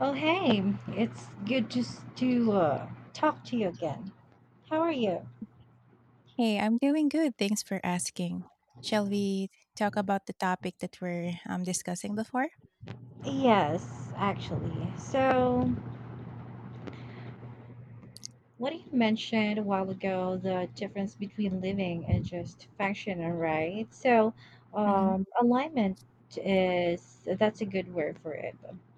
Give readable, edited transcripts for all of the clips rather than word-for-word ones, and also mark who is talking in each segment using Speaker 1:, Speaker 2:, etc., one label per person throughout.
Speaker 1: Oh, hey, it's good just to talk to you again. How are you?
Speaker 2: Hey, I'm doing good. Thanks for asking. Shall we talk about the topic that we're discussing before?
Speaker 1: Yes, actually. So, what you mentioned a while ago, the difference between living and just functioning, right? So,
Speaker 2: Mm-hmm.
Speaker 1: alignment is that's a good word for it.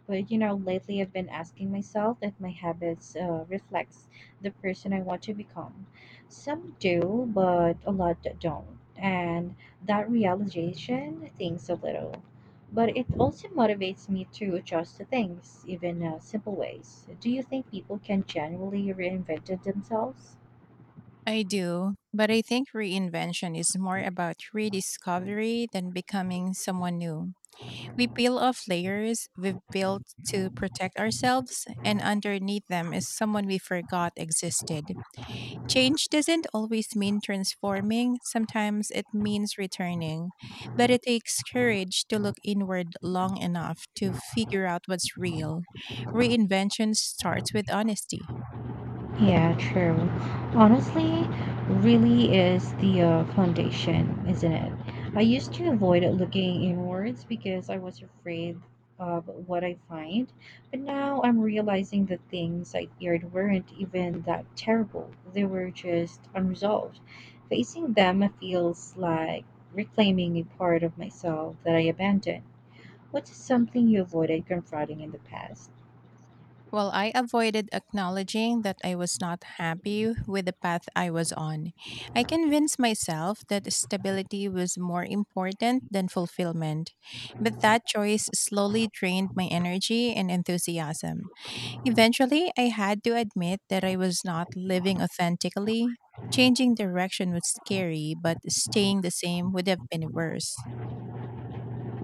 Speaker 1: But you know, lately I've been asking myself if my habits reflects the person I want to become. Some do, but a lot that don't, and that realization things a little. But it also motivates me to adjust to things, even simple ways. Do you think people can generally reinvent themselves?
Speaker 2: I do, but I think reinvention is more about rediscovery than becoming someone new. We peel off layers we've built to protect ourselves, and underneath them is someone we forgot existed. Change doesn't always mean transforming, sometimes it means returning, but it takes courage to look inward long enough to figure out what's real. Reinvention starts with honesty.
Speaker 1: Yeah, true. Honestly, really is the foundation, isn't it? I used to avoid looking inwards because I was afraid of what I find, but now I'm realizing the things I feared weren't even that terrible. They were just unresolved. Facing them feels like reclaiming a part of myself that I abandoned. What's something you avoided confronting in the past?
Speaker 2: Well, I avoided acknowledging that I was not happy with the path I was on. I convinced myself that stability was more important than fulfillment, but that choice slowly drained my energy and enthusiasm. Eventually, I had to admit that I was not living authentically. Changing direction was scary, but staying the same would have been worse.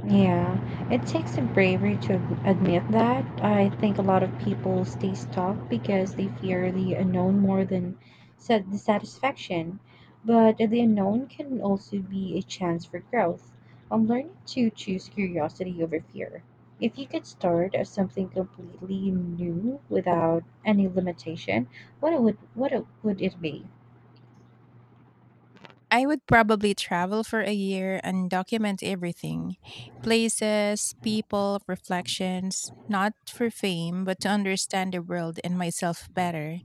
Speaker 1: Yeah, it takes a bravery to admit that. I think a lot of people stay stuck because they fear the unknown more than the satisfaction. But the unknown can also be a chance for growth. I'm learning to choose curiosity over fear. If you could start as something completely new without any limitation, would it be?
Speaker 2: I would probably travel for a year and document everything places, people, reflections, not for fame, but to understand the world and myself better.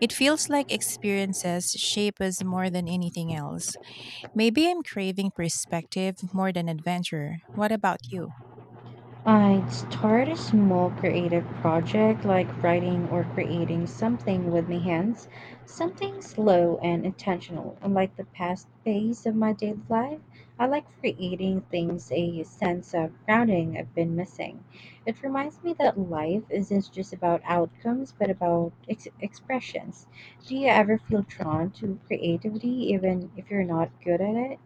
Speaker 2: It feels like experiences shape us more than anything else. Maybe I'm craving perspective more than adventure. What about you?
Speaker 1: I'd start a small creative project like writing or creating something with my hands, something slow and intentional, unlike the past phase of my daily life. I like creating things a sense of grounding I've been missing. It reminds me that life isn't just about outcomes but about expressions. Do you ever feel drawn to creativity even if you're not good at it?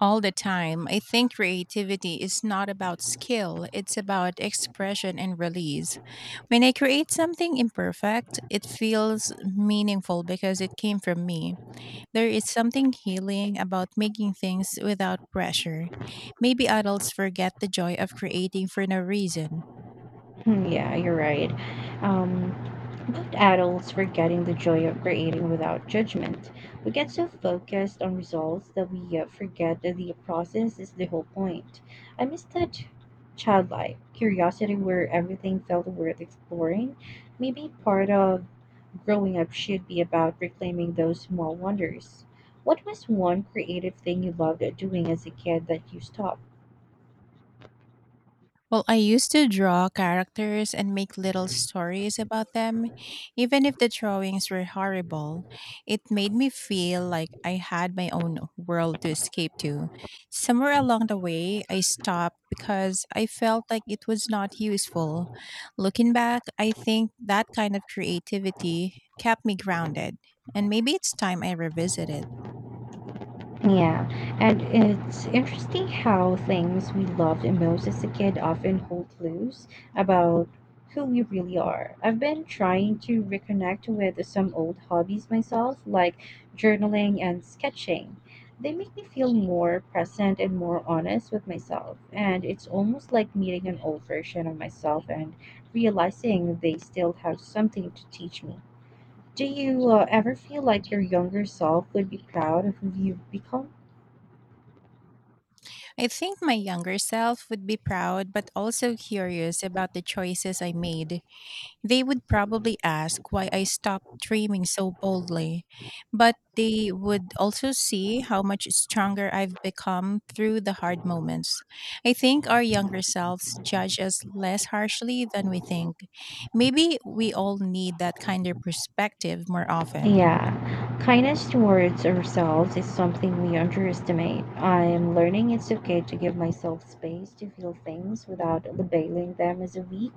Speaker 2: All the time. I think creativity is not about skill, it's about expression and release. When I create something imperfect, it feels meaningful because it came from me. There is something healing about making things without pressure. Maybe adults forget the joy of creating for no reason.
Speaker 1: Hmm. Yeah, you're right. Um, but adults forgetting the joy of creating without judgment. We get so focused on results that we forget that the process is the whole point. I miss that childlike curiosity where everything felt worth exploring. Maybe part of growing up should be about reclaiming those small wonders. What was one creative thing you loved doing as a kid that you stopped?
Speaker 2: Well, I used to draw characters and make little stories about them. Even if the drawings were horrible, it made me feel like I had my own world to escape to. Somewhere along the way, I stopped because I felt like it was not useful. Looking back, I think that kind of creativity kept me grounded, and maybe it's time I revisit it.
Speaker 1: Yeah, and it's interesting how things we loved and most as a kid often hold clues about who we really are. I've been trying to reconnect with some old hobbies myself, like journaling and sketching. They make me feel more present and more honest with myself, and it's almost like meeting an old version of myself and realizing they still have something to teach me. Do you ever feel like your younger self would be proud of who you've become?
Speaker 2: I think my younger self would be proud but also curious about the choices I made. They would probably ask why I stopped dreaming so boldly, but they would also see how much stronger I've become through the hard moments. I think our younger selves judge us less harshly than we think. Maybe we all need that kinder perspective more often.
Speaker 1: Yeah, kindness towards ourselves is something we underestimate. I'm learning it's okay to give myself space to feel things without labeling them as a weak.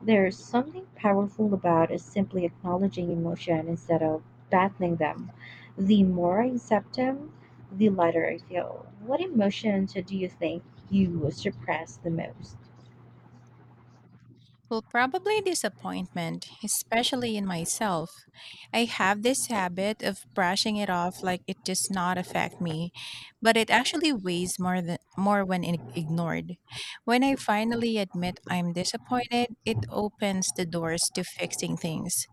Speaker 1: There's something powerful about is simply acknowledging emotion instead of battling them. The more I accept them, the lighter I feel. What emotions do you think you suppress the most?
Speaker 2: Well, probably disappointment, especially in myself. I have this habit of brushing it off like it does not affect me, but it actually weighs more than more when ignored. When I finally admit I'm disappointed, it opens the doors to fixing things.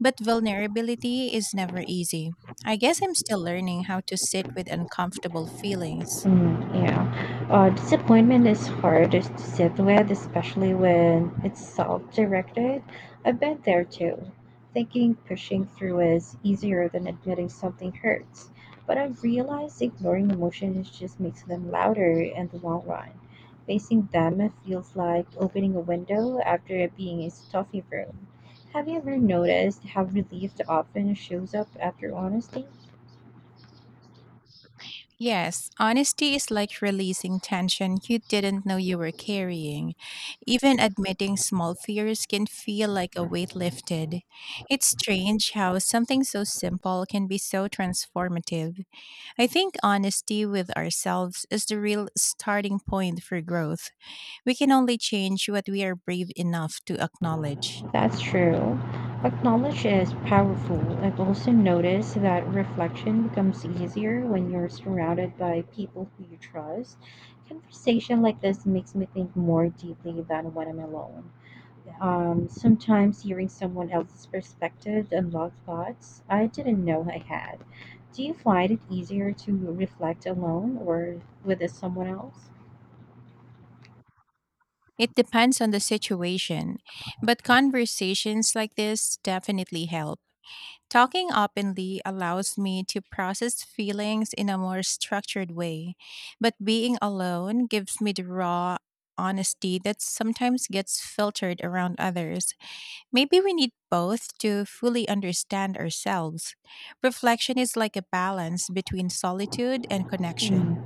Speaker 2: But vulnerability is never easy. I guess I'm still learning how to sit with uncomfortable feelings.
Speaker 1: Mm, yeah. Disappointment is hardest to sit with, especially when it's self directed. I've been there too. Thinking pushing through is easier than admitting something hurts. But I've realized ignoring emotions just makes them louder in the long run. Facing them feels like opening a window after being in a stuffy room. Have you ever noticed how relief often shows up after honesty?
Speaker 2: Yes, honesty is like releasing tension you didn't know you were carrying. Even admitting small fears can feel like a weight lifted. It's strange how something so simple can be so transformative. I think honesty with ourselves is the real starting point for growth. We can only change what we are brave enough to acknowledge.
Speaker 1: That's true. Acknowledge is powerful. I've also noticed that reflection becomes easier when you're surrounded by people who you trust. Conversation like this makes me think more deeply than when I'm alone. Sometimes hearing someone else's perspective unlocks thoughts I didn't know I had. Do you find it easier to reflect alone or with someone else?
Speaker 2: It depends on the situation, but conversations like this definitely help. Talking openly allows me to process feelings in a more structured way, but being alone gives me the raw honesty that sometimes gets filtered around others. Maybe we need both to fully understand ourselves. Reflection is like a balance between solitude and connection.
Speaker 1: Hmm.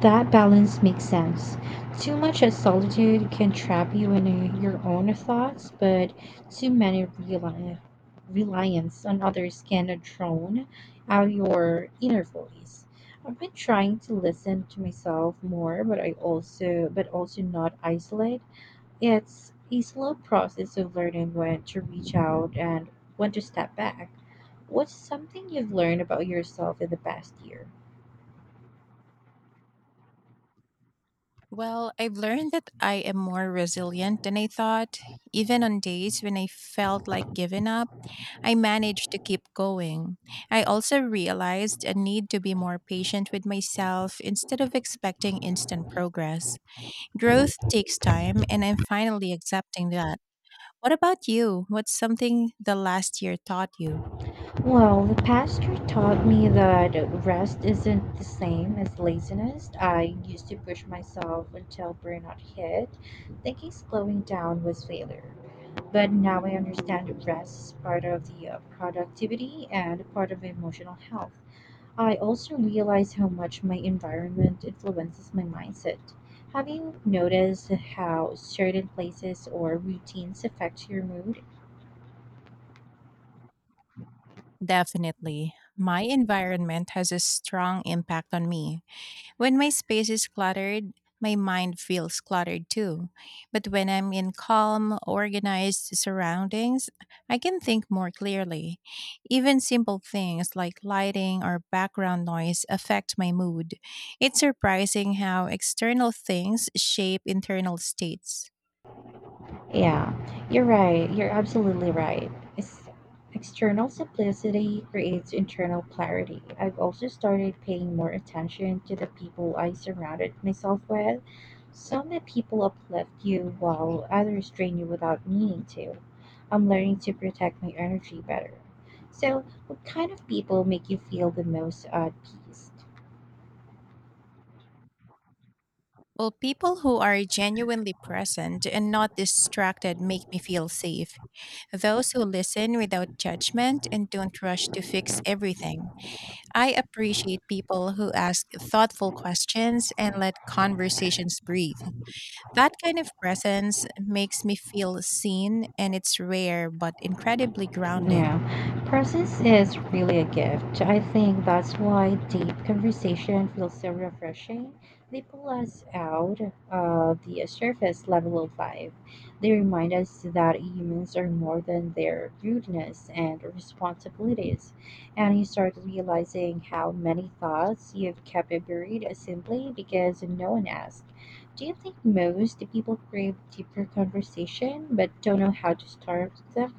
Speaker 1: That balance makes sense. Too much of solitude can trap you in your own thoughts, but too many reli- reliance on others can drown out your inner voice. I've been trying to listen to myself more, but I also but also not isolate. It's a slow process of learning when to reach out and when to step back. What's something you've learned about yourself in the past year?
Speaker 2: Well, I've learned that I am more resilient than I thought, even on days when I felt like giving up. I managed to keep going. I also realized a need to be more patient with myself instead of expecting instant progress. Growth takes time, and I'm finally accepting that. What about you? What's something the last year taught you?
Speaker 1: Well, the pastor taught me that rest isn't the same as laziness. I used to push myself until burnout hit, thinking slowing down was failure. But now I understand that rest is part of the productivity and part of emotional health. I also realize how much my environment influences my mindset. Have you noticed how certain places or routines affect your mood?
Speaker 2: Definitely. My environment has a strong impact on me. When my space is cluttered, my mind feels cluttered too. But when I'm in calm, organized surroundings, I can think more clearly. Even simple things like lighting or background noise affect my mood. It's surprising how external things shape internal states.
Speaker 1: Yeah, you're right. You're absolutely right. It's external simplicity creates internal clarity. I've also started paying more attention to the people I surrounded myself with. Some that people uplift you while others drain you without meaning to. I'm learning to protect my energy better. So, what kind of people make you feel the most at peace?
Speaker 2: Well, people who are genuinely present and not distracted make me feel safe. Those who listen without judgment and don't rush to fix everything. I appreciate people who ask thoughtful questions and let conversations breathe. That kind of presence makes me feel seen, and it's rare but incredibly grounding.
Speaker 1: Yeah, presence is really a gift. I think that's why deep conversation feels so refreshing. They pull us out of the surface level of life. They remind us that humans are more than their rudeness and responsibilities. And you start realizing how many thoughts you've kept buried simply because no one asked. Do you think most people crave deeper conversation but don't know how to start them?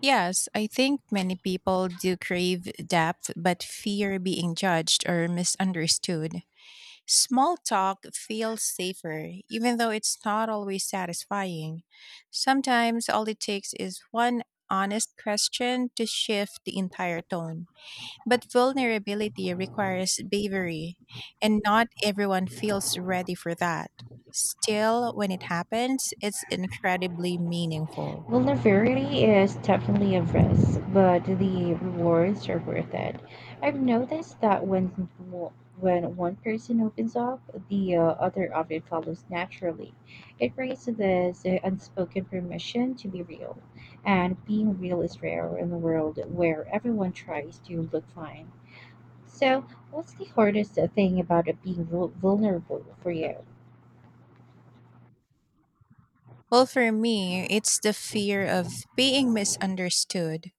Speaker 2: Yes, I think many people do crave depth but fear being judged or misunderstood. Small talk feels safer, even though it's not always satisfying. Sometimes all it takes is one honest question to shift the entire tone. But vulnerability requires bravery, and not everyone feels ready for that. Still, when it happens, it's incredibly meaningful.
Speaker 1: Vulnerability is definitely a risk, but the rewards are worth it. I've noticed that when one person opens up, the other often follows naturally. It creates this unspoken permission to be real, and being real is rare in a world where everyone tries to look fine. So, what's the hardest thing about it being vulnerable for you?
Speaker 2: Well, for me, it's the fear of being misunderstood.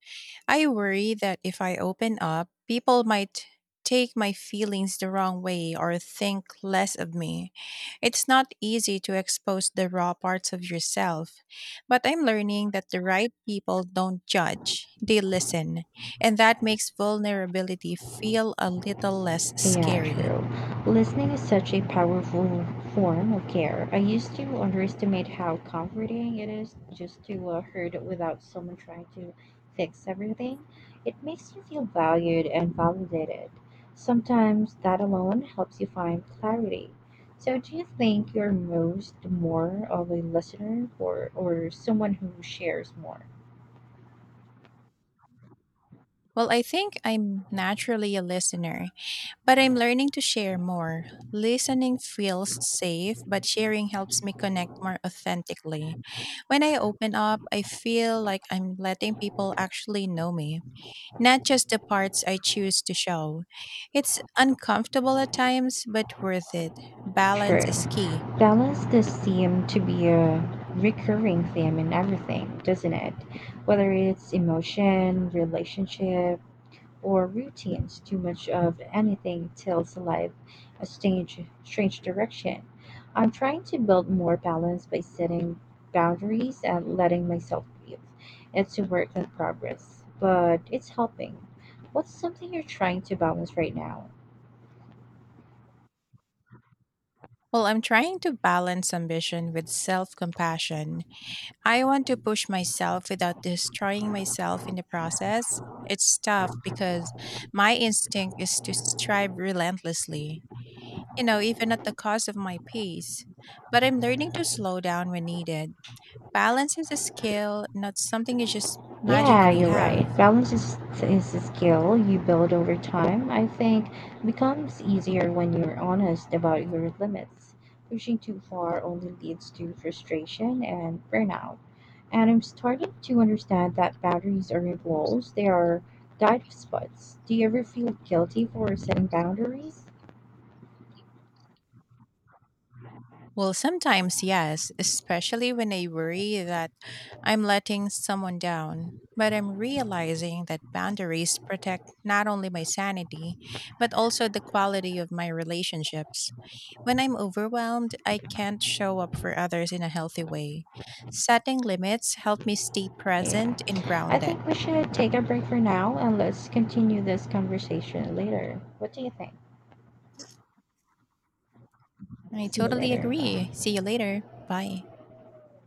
Speaker 2: I worry that if I open up, people might take my feelings the wrong way or think less of me. It's not easy to expose the raw parts of yourself, but I'm learning that the right people don't judge, they listen, and that makes vulnerability feel a little less
Speaker 1: Yeah,
Speaker 2: scary.
Speaker 1: true. Listening is such a powerful form of care. I used to underestimate how comforting it is just to heard it without someone trying to fix everything. It makes you feel valued and validated. Sometimes that alone helps you find clarity. So, do you think you're most more of a listener or someone who shares more?
Speaker 2: Well, I think I'm naturally a listener, but I'm learning to share more. Listening feels safe, but sharing helps me connect more authentically. When I open up, I feel like I'm letting people actually know me, not just the parts I choose to show. It's uncomfortable at times, but worth it. Balance
Speaker 1: True.
Speaker 2: is key.
Speaker 1: Balance does seem to be a recurring theme in everything, doesn't it? Whether it's emotion, relationship, or routines, too much of anything tells life a strange, strange direction. I'm trying to build more balance by setting boundaries and letting myself breathe. It's a work in progress, but it's helping. What's something you're trying to balance right now?
Speaker 2: Well, I'm trying to balance ambition with self compassion. I want to push myself without destroying myself in the process. It's tough because my instinct is to strive relentlessly, you know, even at the cost of my peace. But I'm learning to slow down when needed. Balance is a skill, not something you just
Speaker 1: Yeah,
Speaker 2: magically
Speaker 1: you're right.
Speaker 2: have.
Speaker 1: Balance is a skill you build over time. I think becomes easier when you're honest about your limits. Pushing too far only leads to frustration and burnout. And I'm starting to understand that boundaries aren't walls, they are dive spots. Do you ever feel guilty for setting boundaries?
Speaker 2: Well, sometimes, yes, especially when I worry that I'm letting someone down. But I'm realizing that boundaries protect not only my sanity, but also the quality of my relationships. When I'm overwhelmed, I can't show up for others in a healthy way. Setting limits help me stay
Speaker 1: Yeah.
Speaker 2: present and
Speaker 1: I
Speaker 2: grounded.
Speaker 1: think we should take a break for now and let's continue this conversation later. What do you think?
Speaker 2: I
Speaker 1: See you
Speaker 2: totally
Speaker 1: later.
Speaker 2: agree.
Speaker 1: Bye.
Speaker 2: See you later. Bye.